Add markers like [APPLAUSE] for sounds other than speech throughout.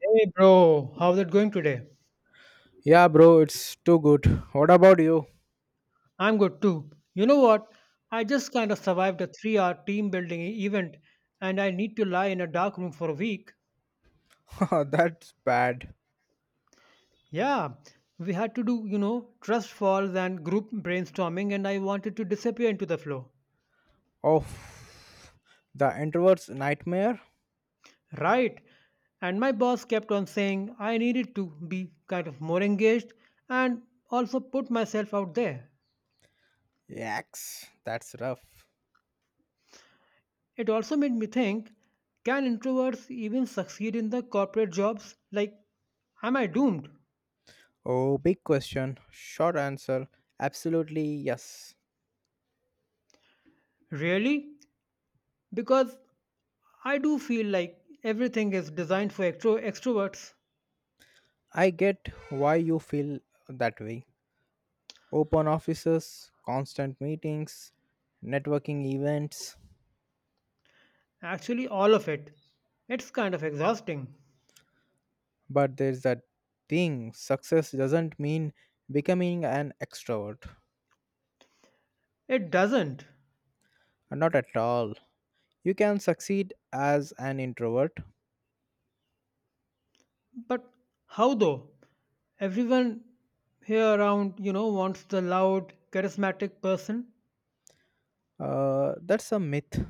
Hey bro, how's it going today? Yeah, bro, it's too good. What about you? I'm good too. You know what? I just kind of survived a 3-hour team building event and I need to lie in a dark room for a week. [LAUGHS] That's bad. Yeah, we had to do, trust falls and group brainstorming and I wanted to disappear into the flow. Oh, the introvert's nightmare? Right. And my boss kept on saying I needed to be kind of more engaged and also put myself out there. Yaks, that's rough. It also made me think can introverts even succeed in the corporate jobs? Like, am I doomed? Oh, big question. Short answer absolutely yes. Really? Because I do feel like everything is designed for extroverts. I get why you feel that way. Open offices, constant meetings, networking events. Actually, all of it. It's kind of exhausting. But there's that thing success doesn't mean becoming an extrovert. It doesn't. Not at all. You can succeed as an introvert. But how though? Everyone here around, wants the loud, charismatic person. That's a myth.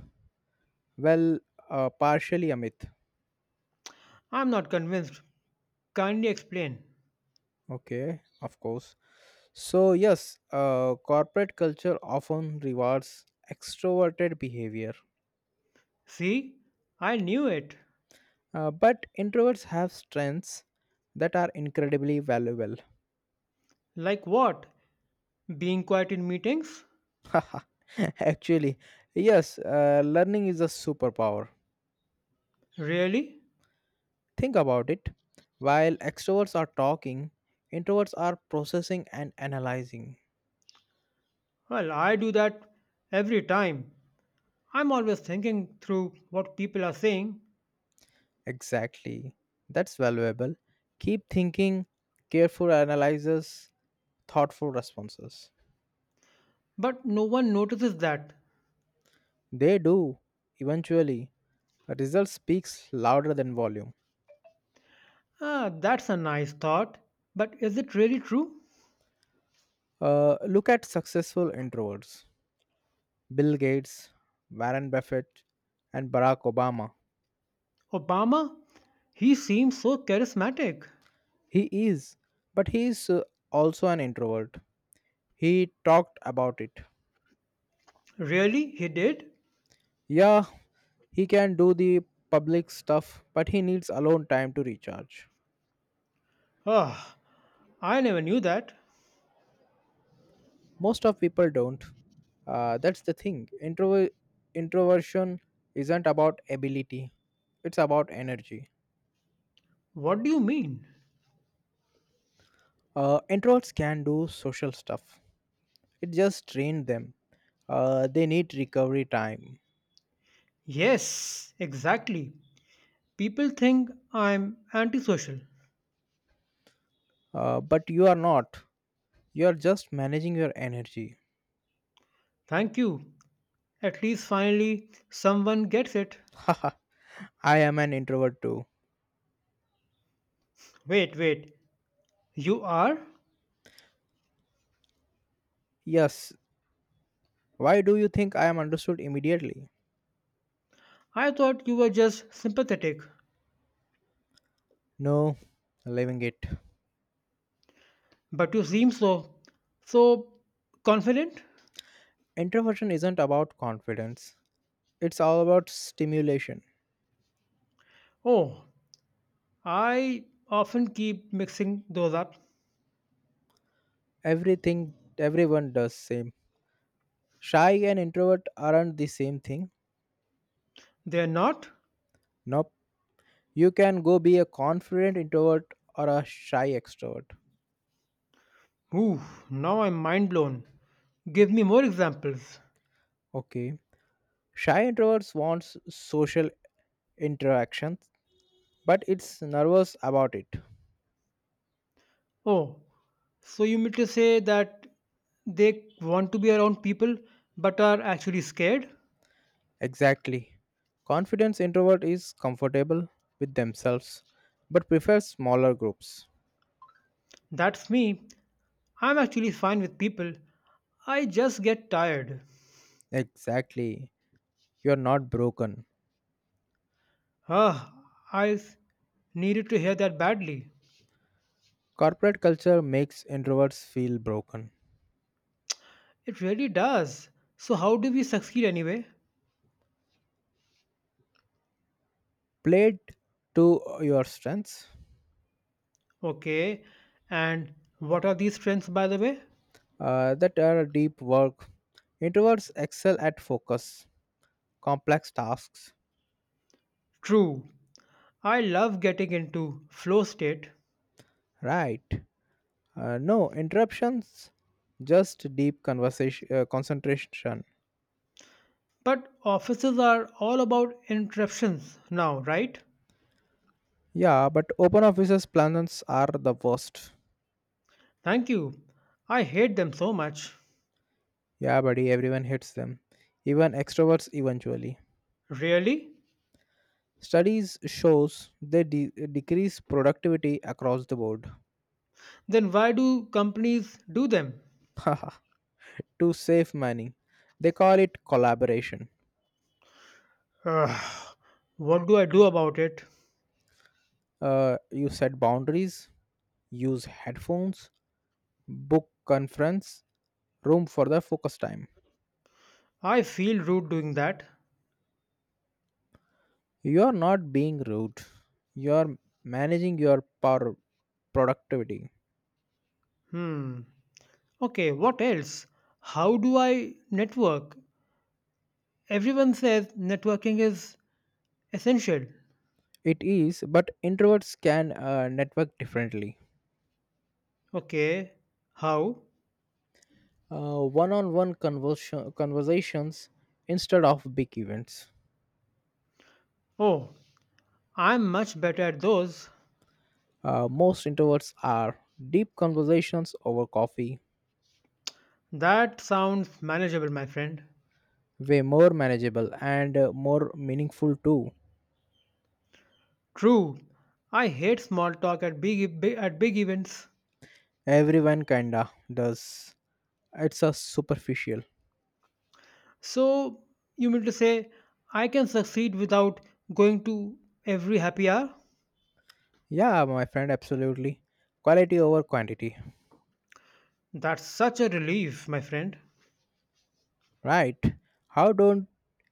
Well, partially a myth. I'm not convinced. Kindly explain. Okay, of course. So yes, corporate culture often rewards extroverted behavior. See, I knew it. But introverts have strengths that are incredibly valuable. Like what? Being quiet in meetings? [LAUGHS] Actually yes, learning is a superpower. Really? Think about it. While extroverts are talking, introverts are processing and analyzing. Well, I do that every time. I'm always thinking through what people are saying, Exactly. That's valuable. Keep thinking, careful analyzes, thoughtful responses. but no one notices that. They do, eventually. A result speaks louder than volume. Ah, that's a nice thought. But is it really true? Look at successful introverts, Bill Gates, Warren Buffett, and Barack Obama. Obama? He seems so charismatic. He is, but he is also an introvert. He talked about it. Really? He did? Yeah, he can do the public stuff, but he needs alone time to recharge. Ah, I never knew that. Most of people don't. That's the thing. Introversion isn't about ability, it's about energy. What do you mean? Introverts can do social stuff, it just trained them. They need recovery time. Yes, exactly. People think I'm antisocial. But you are not, you are just managing your energy. Thank you. At least finally someone gets it. [LAUGHS] Haha, I am an introvert too. Wait, wait. You are? Yes, why do you think I am understood immediately? I thought you were just sympathetic, No, living it. but you seem so, so confident. Introversion isn't about confidence, it's all about stimulation. Oh, I often keep mixing those up. Everything everyone does same. Shy and introvert aren't the same thing. They're not? Nope. You can go be a confident introvert or a shy extrovert. Ooh, now I'm mind blown. Give me more examples. Okay. Shy introverts wants social interaction, but it's nervous about it. Oh, so you mean to say that they want to be around people but are actually scared? Exactly. Confidence introvert is comfortable with themselves but prefers smaller groups. That's me. I'm actually fine with people. I just get tired. Exactly. You're not broken. Ugh, I s- needed to hear that badly. Corporate culture makes introverts feel broken. It really does. So, how do we succeed anyway? Played to your strengths. Okay, and what are these strengths by the way? That are deep work. Introverts excel at focus, complex tasks. True, I love getting into flow state, Right. No interruptions, just deep conversation, concentration. but offices are all about interruptions now, right? Yeah, but open offices plans are the worst. Thank you. I hate them so much. Yeah, buddy, everyone hates them, even extroverts eventually. Really? Studies shows they decrease productivity across the board. Then why do companies do them? [LAUGHS] To save money, they call it collaboration. [SIGHS] Ugh, what do I do about it? You set boundaries, use headphones, book conference room for the focus time. I feel rude doing that. You are not being rude, you are managing your power productivity. Hmm. Okay, what else? How do I network? Everyone says networking is essential. It is, but introverts can network differently. Okay, how? Conversations instead of big events. Oh, I'm much better at those. Most introverts are deep conversations over coffee. That sounds manageable, my friend. Way more manageable and more meaningful too. True, I hate small talk at big events. Everyone kinda does. It's a superficial. So, you mean to say I can succeed without going to every happy hour? Yeah, my friend, absolutely. Quality over quantity. That's such a relief, my friend. Right. How don't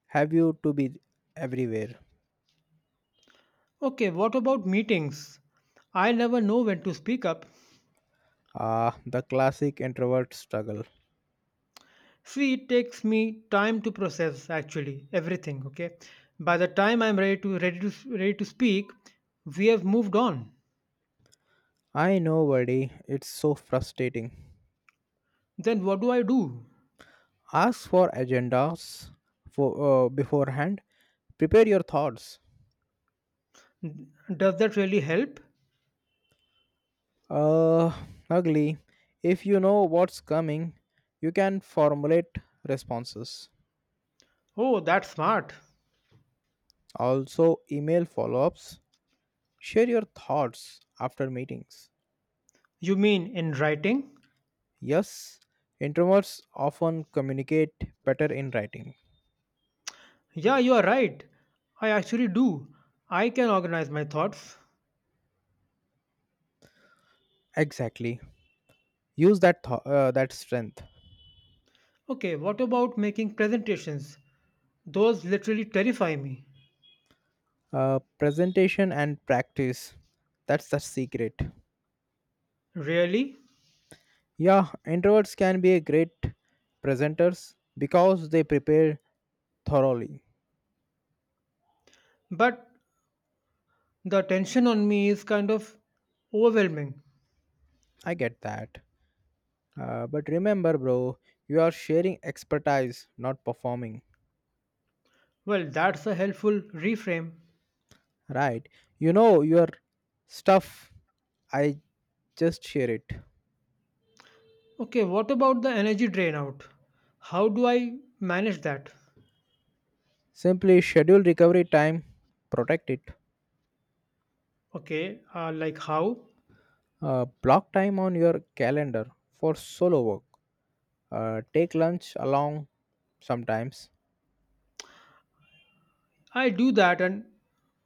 have you to be everywhere? Okay, what about meetings? I never know when to speak up. Ah, the classic introvert struggle. See, it takes me time to process actually everything, okay? By the time I'm ready to speak, we have moved on. I know, buddy. It's so frustrating. Then what do I do? Ask for agendas for beforehand. Prepare your thoughts. Does that really help? Uh, ugly. If you know what's coming, you can formulate responses. Oh, that's smart. Also, email follow ups. Share your thoughts after meetings. You mean in writing? Yes, introverts often communicate better in writing. Yeah, you are right. I actually do. I can organize my thoughts. Exactly. Use that strength. Okay, what about making presentations? Those literally terrify me. Presentation and practice. That's the secret. Really? Yeah, introverts can be a great presenters because they prepare thoroughly. But the attention on me is kind of overwhelming. I get that. But remember, bro, you are sharing expertise, not performing. Well, that's a helpful reframe. Right. You know your stuff. I just share it. Okay, what about the energy drain out? How do I manage that? Simply schedule recovery time, protect it. Okay, like how? Block time on your calendar for solo work. Take lunch along sometimes. I do that and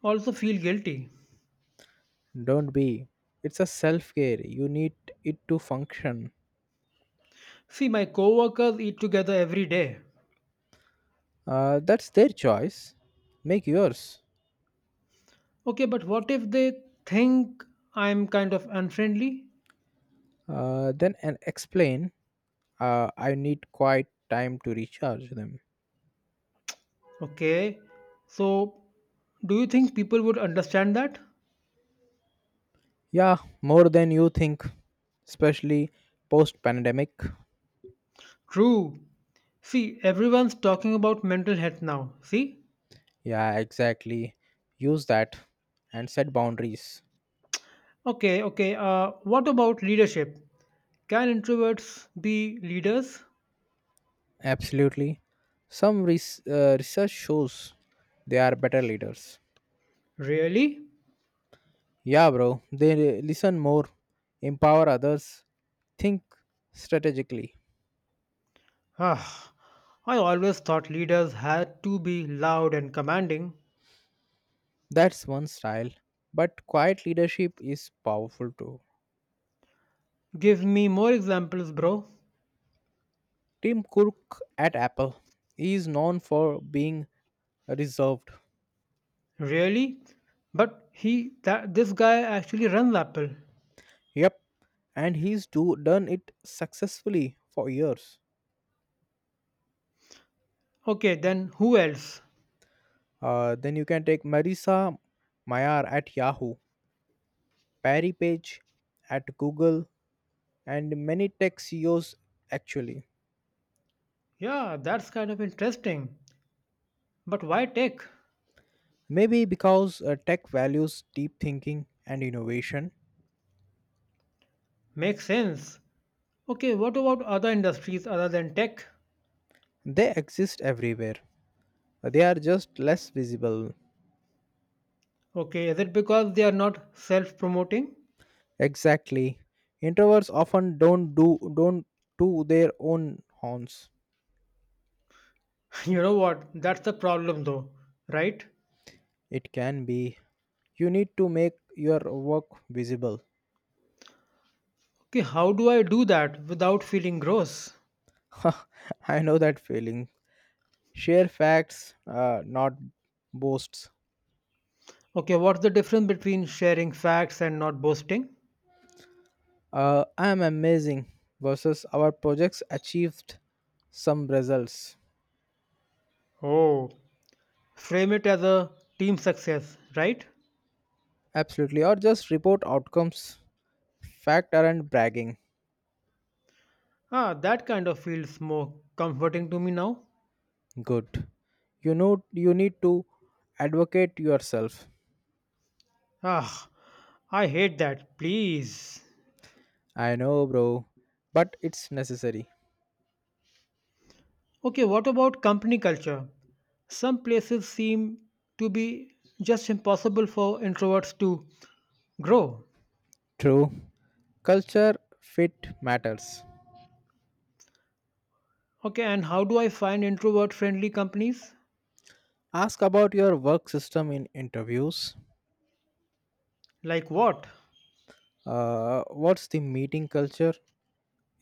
also feel guilty. Don't be. It's a self care. You need it to function. See, my coworkers eat together every day. That's their choice. Make yours. Okay, but what if they think I'm kind of unfriendly? Then and explain. I need quiet time to recharge them. Okay. So, do you think people would understand that? Yeah, more than you think, especially post pandemic. True. See, everyone's talking about mental health now. See? Yeah, exactly. Use that and set boundaries. Okay, okay. What about leadership? Can introverts be leaders? Absolutely. Some research shows they are better leaders. Really? Yeah, bro, they listen more, empower others, think strategically. Ah, I always thought leaders had to be loud and commanding. That's one style. But quiet leadership is powerful too. Give me more examples, bro. Tim Cook at Apple is known for being reserved. Really? But he that this guy actually runs Apple. Yep, and done it successfully for years. Okay, then who else? Then you can take Marisa Mayar at Yahoo, Perry Page at Google, and many tech CEOs actually. Yeah, that's kind of interesting. But why tech? Maybe because tech values deep thinking and innovation. Makes sense. Okay, what about other industries other than tech? They exist everywhere. They are just less visible. Okay, is it because they are not self promoting? Exactly. Introverts often don't do their own horns. [LAUGHS] You know what? That's the problem though, right? It can be. You need to make your work visible. Okay, how do I do that without feeling gross? [LAUGHS] I know that feeling. Share facts, not boasts. Okay, what's the difference between sharing facts and not boasting? I am amazing versus our projects achieved some results. Oh, frame it as a team success, right? Absolutely. Or just report outcomes. Fact aren't bragging. Ah, that kind of feels more comforting to me now. Good. You know, you need to advocate yourself. Ah, I hate that. Please. I know, bro, but it's necessary. Okay, what about company culture? Some places seem to be just impossible for introverts to grow. True. Culture fit matters. Okay, and how do I find introvert friendly companies? Ask about your work system in interviews. Like what? What's the meeting culture?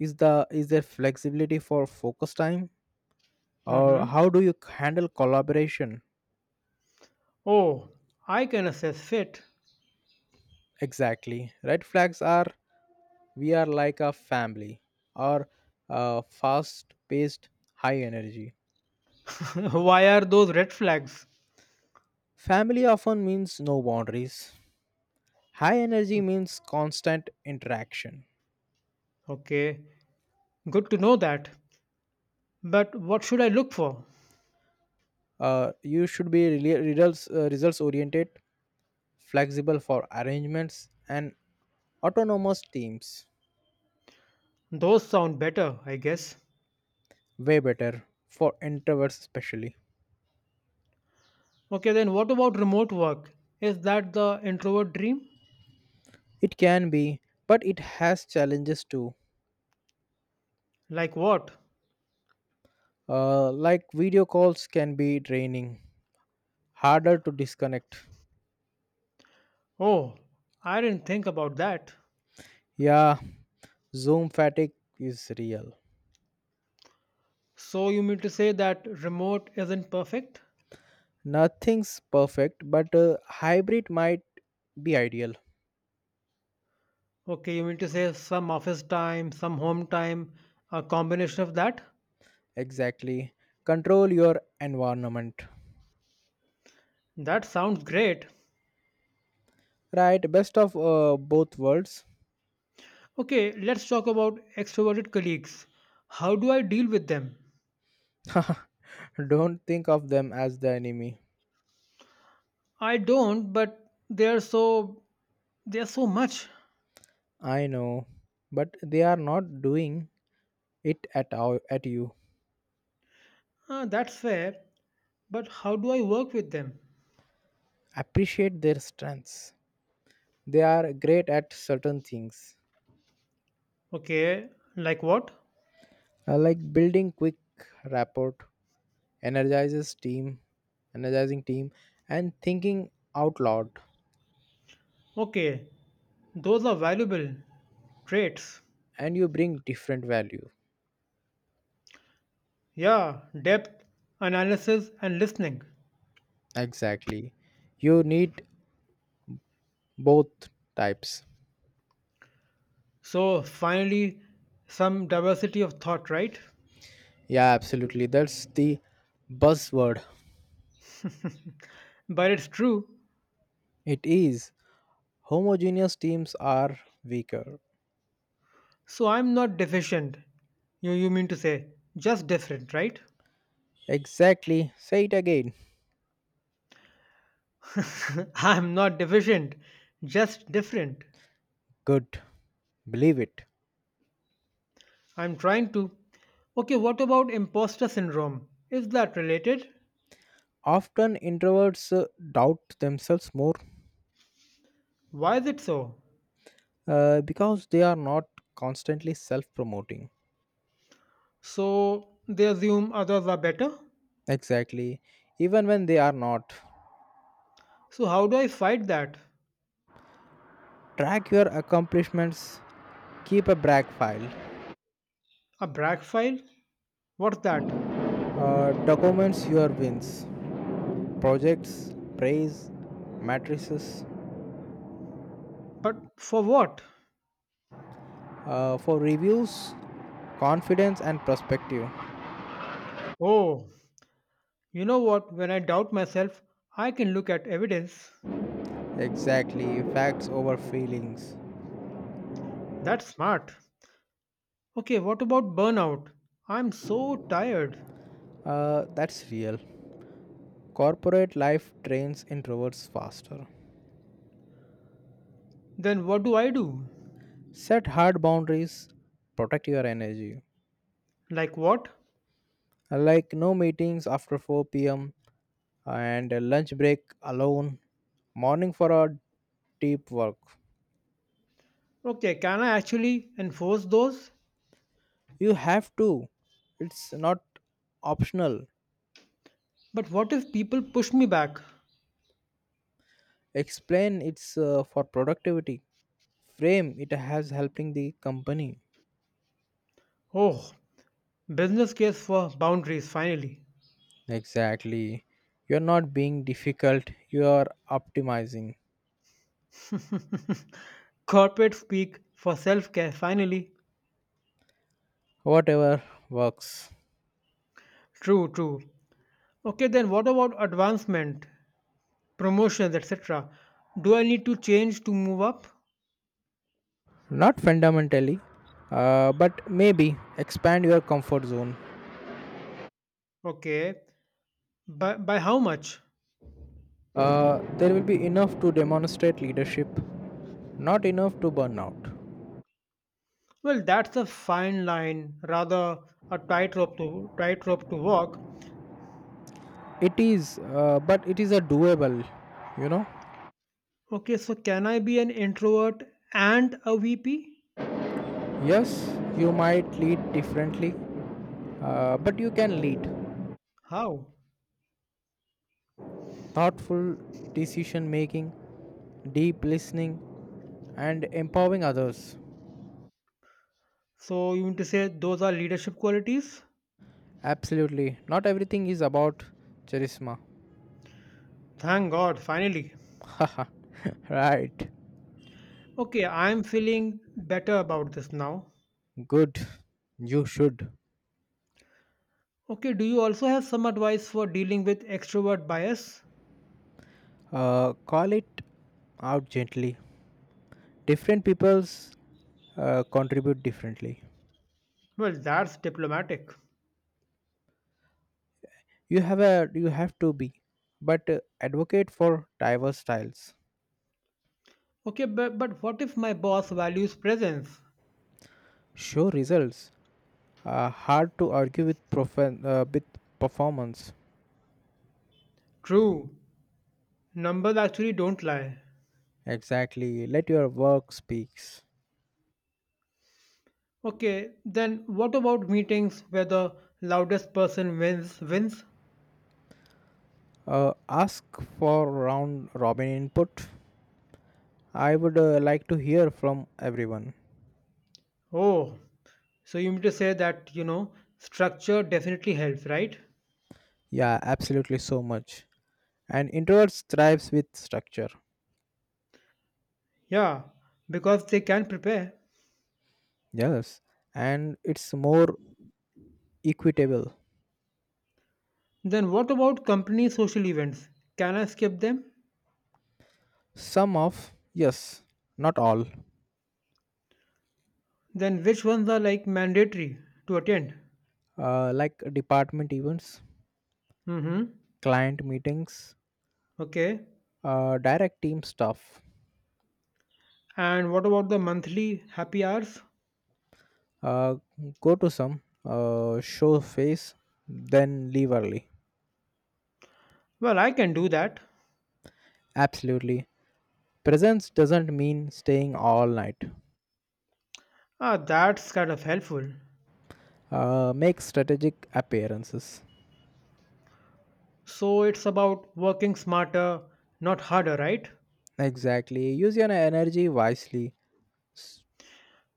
Is there flexibility for focus time, or Mm-hmm. how do you handle collaboration Oh, I can assess it. exactly? Red flags are we are like a family, or fast-paced, high energy. [LAUGHS] Why are those red flags? Family often means no boundaries. High energy means constant interaction. Okay, good to know that. But what should I look for? You should be really results oriented, flexible for arrangements, and autonomous teams, Those sound better, I guess. way better for introverts especially. Okay, then what about remote work? Is that the introvert dream? It can be, but it has challenges too. Like what? Like video calls can be draining, harder to disconnect. Oh, I didn't think about that. Yeah, Zoom fatigue is real. So you mean to say that remote isn't perfect? Nothing's perfect, but a hybrid might be ideal. Okay, you mean to say some office time, some home time, a combination of that? Exactly. Control your environment. That sounds great. Right, best of both worlds. Okay, let's talk about extroverted colleagues. How do I deal with them? [LAUGHS] Don't think of them as the enemy. I don't, but they are so much. I know, but they are not doing it at all at you. Ah, that's fair. But how do I work with them? Appreciate their strengths. They are great at certain things, Okay, like what? Like building quick rapport, energizes team, energizing team, and thinking out loud. Okay, those are valuable traits. And you bring different value. Yeah, depth, analysis, and listening. Exactly. You need both types. So, finally, some diversity of thought, right? Yeah, absolutely. That's the buzzword. But it's true. It is. Homogeneous teams are weaker. So, I'm not deficient. You mean to say, just different, right? Exactly. Say it again. [LAUGHS] I'm not deficient, just different. Good. Believe it. I'm trying to. Okay, what about imposter syndrome? Is that related? Often introverts doubt themselves more. Why is it so? Because they are not constantly self promoting. So, they assume others are better? Exactly. Even when they are not. So, how do I fight that? Track your accomplishments, keep a brag file, A brag file? What's that? Documents your wins, projects, praise, matrices. But for what? For reviews, confidence, and perspective. Oh, you know what? When I doubt myself, I can look at evidence. Exactly. Facts over feelings. That's smart. Okay, what about burnout? I'm so tired. That's real. Corporate life trains introverts faster. Then what do I do? Set hard boundaries, protect your energy. Like what? Like no meetings after 4 p.m. and a lunch break alone, morning for a deep work. Okay, can I actually enforce those? You have to. It's not optional. But what if people push me back? Explain it's for productivity. Frame it as helping the company. Oh, business case for boundaries finally. Exactly. You're not being difficult, you are optimizing. [LAUGHS] Corporate speak for self care finally. Whatever works. True, true. Okay, then what about advancement? Promotions, etc. Do I need to change to move up? Not fundamentally, but maybe expand your comfort zone. Okay. By how much? There will be enough to demonstrate leadership, not enough to burn out. Well, that's a fine line, rather a tightrope to walk. It is, but it is a doable, you know. Okay, so can I be an introvert and a VP? Yes, you might lead differently, but you can lead. How? Thoughtful decision making, deep listening, and empowering others. So you mean to say those are leadership qualities? Absolutely. Not everything is about charisma. Thank God, finally. [LAUGHS] Haha, right. Okay, I'm feeling better about this now. Good. You should Okay, do you also have some advice for dealing with extrovert bias? Call it out gently. Different people's contribute differently. Well, that's diplomatic. You have to be, but advocate for diverse styles. Okay, but what if my boss values presence? Show results. Hard to argue with with performance. True, numbers actually don't lie. Exactly. Let your work speaks. Okay, then what about meetings where the loudest person wins? Wins? Ask for round robin input. I would like to hear from everyone. Oh, so you mean to say that, structure definitely helps, right? Yeah, absolutely so much. And introverts thrives with structure, Yeah, because they can prepare. yes, and it's more equitable. Then what about company social events? Can I skip them? Some of yes, not all. Then which ones are like mandatory to attend? Like department events, Mm-hmm. client meetings, Okay. Direct team stuff. And what about the monthly happy hours? uh, Go to some, show face then leave early. Well, I can do that. Absolutely, presence doesn't mean staying all night. Ah, that's kind of helpful. Make strategic appearances. So it's about working smarter, not harder, right? Exactly, use your energy wisely.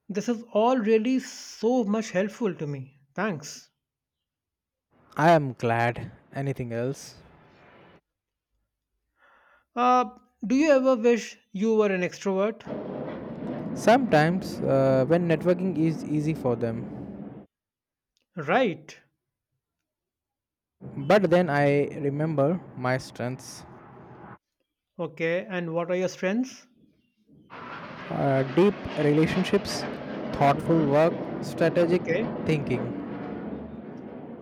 This is all really so much helpful to me. Thanks. I am glad. Anything else? Uh, do you ever wish you were an extrovert? Sometimes when networking is easy for them, Right. but then I remember my strengths, Okay, and what are your strengths? Deep relationships, thoughtful Mm-hmm. work, strategic Okay. thinking.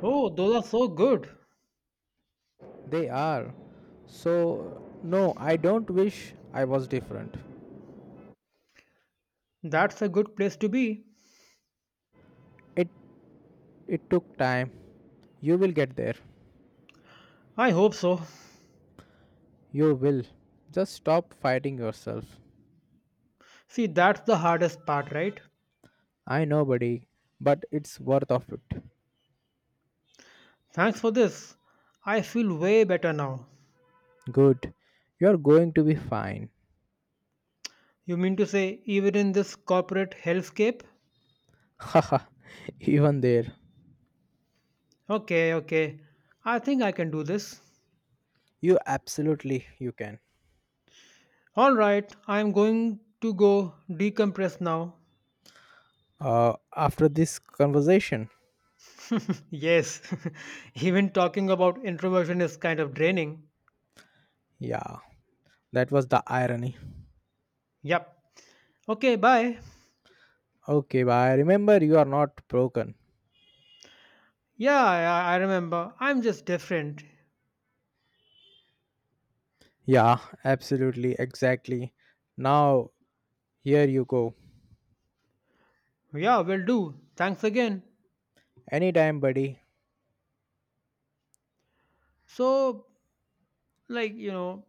Oh, those are so good. They are. So, no, I don't wish I was different. That's a good place to be. It, it took time. You will get there. I hope so. You will. Just stop fighting yourself. See, that's the hardest part, right? I know, buddy, but it's worth of it. Thanks for this. I feel way better now. Good. You're going to be fine. You mean to say, even in this corporate hellscape? [LAUGHS] Haha. Even there. Okay, okay. I think I can do this. You absolutely you can. All right, I am going to go decompress now. After this conversation. Yes, [LAUGHS] even talking about introversion is kind of draining. Yeah. That was the irony. Yep. Okay, bye. Okay, bye. Remember you are not broken. Yeah, I remember. I'm just different. Yeah, absolutely, exactly. Now here you go. Yeah, will do. Thanks again. Anytime, buddy. So, like,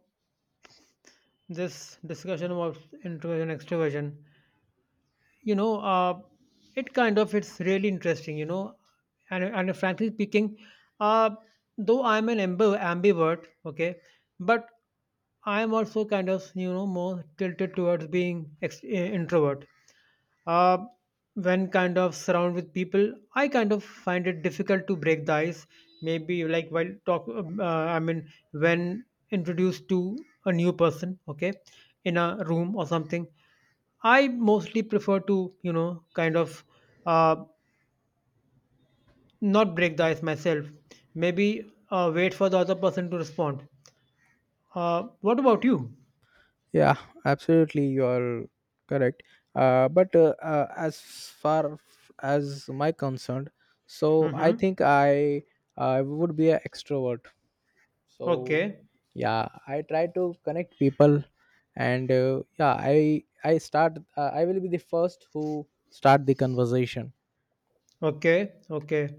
this discussion about introversion, extroversion, you know uh, it kind of it's really interesting, and frankly speaking, uh, though I'm an amb ambivert, okay, but I'm also kind of, more tilted towards being introvert. uh, when kind of surrounded with people, I kind of find it difficult to break the ice. Maybe like while talk I mean, when introduced to a new person, okay, in a room or something, I mostly prefer to, kind of uh, not break the ice myself. Maybe wait for the other person to respond. What about you? Yeah, absolutely you are correct. But As as my concerned, so I Mm-hmm. think I I would be an extrovert. So Okay. yeah, I try to connect people, and yeah, I start, I will be the first who start the conversation. Okay, okay.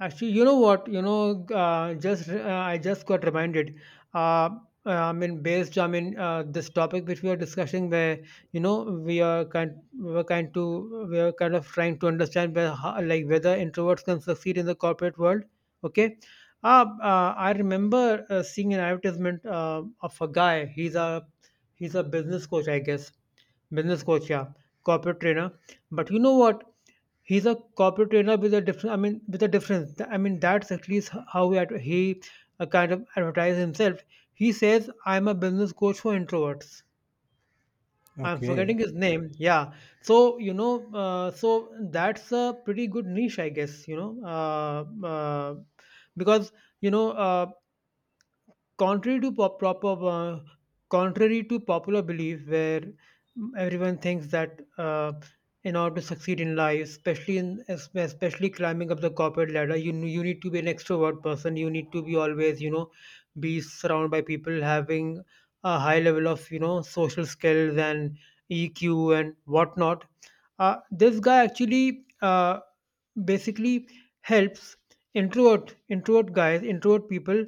Actually, you know what? You know, just I just got reminded. Uh, I mean, I mean, this topic which we are discussing, where we are kind of trying to understand where, how, like, whether introverts can succeed in the corporate world. Okay. I remember seeing an advertisement of a guy. He's a business coach, I guess. Business coach, yeah, corporate trainer. But you know what? He's a corporate trainer with a different. I mean, with a difference. I mean, that's at least how he kind of advertises himself. He says, "I'm a business coach for introverts." I'm Okay. forgetting his name. Yeah. So that's a pretty good niche, I guess. Because you know, uh, contrary to popular belief where everyone thinks that in order to succeed in life, especially especially climbing up the corporate ladder, you need to be an extrovert person, you need to be always be surrounded by people having a high level of social skills and EQ and whatnot. This guy actually basically helps introvert people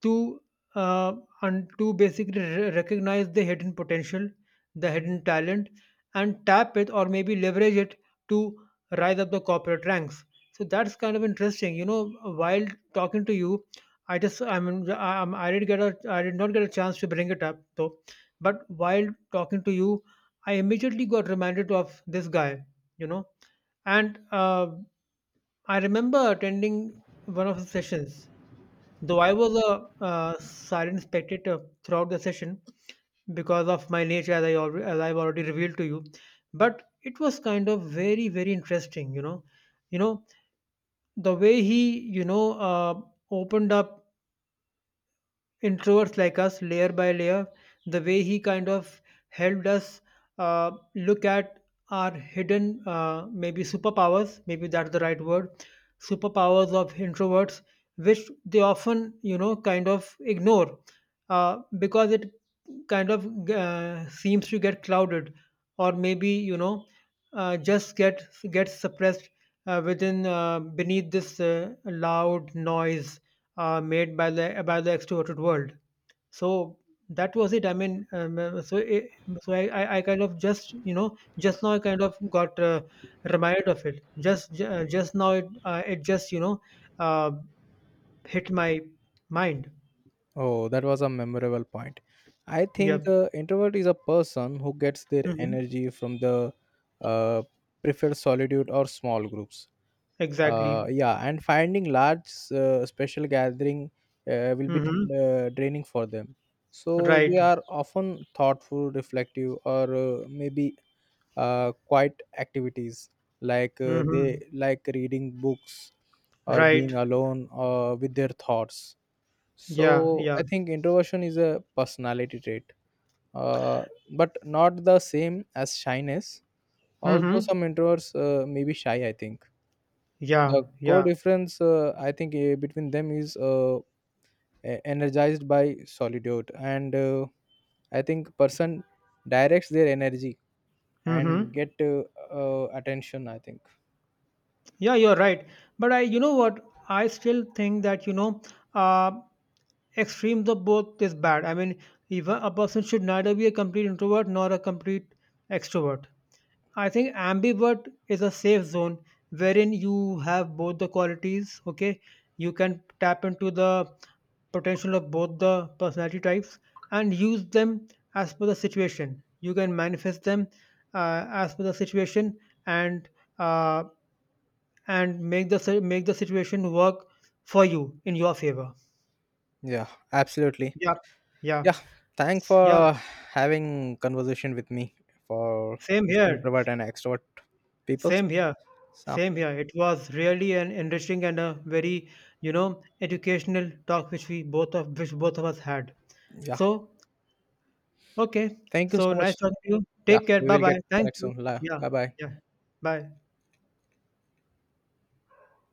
to uh, and to basically recognize the hidden potential, the hidden talent, and tap it or maybe leverage it to rise up the corporate ranks. So that's kind of interesting. While talking to you, I just I mean I, I'm- I did not get a chance to bring it up though, but while talking to you, I immediately got reminded of this guy. You know, and I remember attending one of his sessions. Though I was a silent spectator throughout the session because of my nature, as I've already revealed to you, but it was kind of very very interesting. You know the way he opened up introverts like us layer by layer, the way he kind of helped us look at our hidden maybe superpowers, maybe that's the right word, superpowers of introverts which they often kind of ignore, because it kind of seems to get clouded or maybe just gets suppressed, within beneath this loud noise made by the extroverted world. So that was it. I mean, so I kind of just just now I kind of got reminded of it. Just now it just uh, hit my mind. Oh that was a memorable point. I think Yep. Introvert is a person who gets their Hmm. energy from the uh, preferred solitude or small groups. Exactly. Yeah, and finding large special gathering will be Hmm. Draining for them. So they Right. are often thoughtful reflective or maybe quiet activities. Like they Hmm. like reading books or Right. being alone with their thoughts. Yeah. So Yeah. I think introversion is a personality trait, uh, but not the same as shyness, although Hmm. some introverts may be shy, I think. Yeah. The core Yeah. difference, I think, between them is, energized by solitude, and I think person directs their energy and Hmm. get attention, I think. Yeah. You're right. But you know what? I still think that you know. Uh, Extremes of both is bad. I mean, even a person should neither be a complete introvert nor a complete extrovert. I think ambivert is a safe zone wherein you have both the qualities, okay? You can tap into the potential of both the personality types and use them as per the situation. You can manifest them as per the situation and uh, and make the situation work for you in your favor. Yeah, absolutely. Yeah, Yeah, yeah, thank yeah. for having conversation with me for Same this here. introvert and extrovert people. Same here. So Same here. It was really an enriching and a very, educational talk which both of us had. yeah, So, okay. thank you So so much. nice talking to you. Yeah, Take care. we Bye will get bye. Thank connect you. soon. Yeah. Bye bye. Yeah. Bye.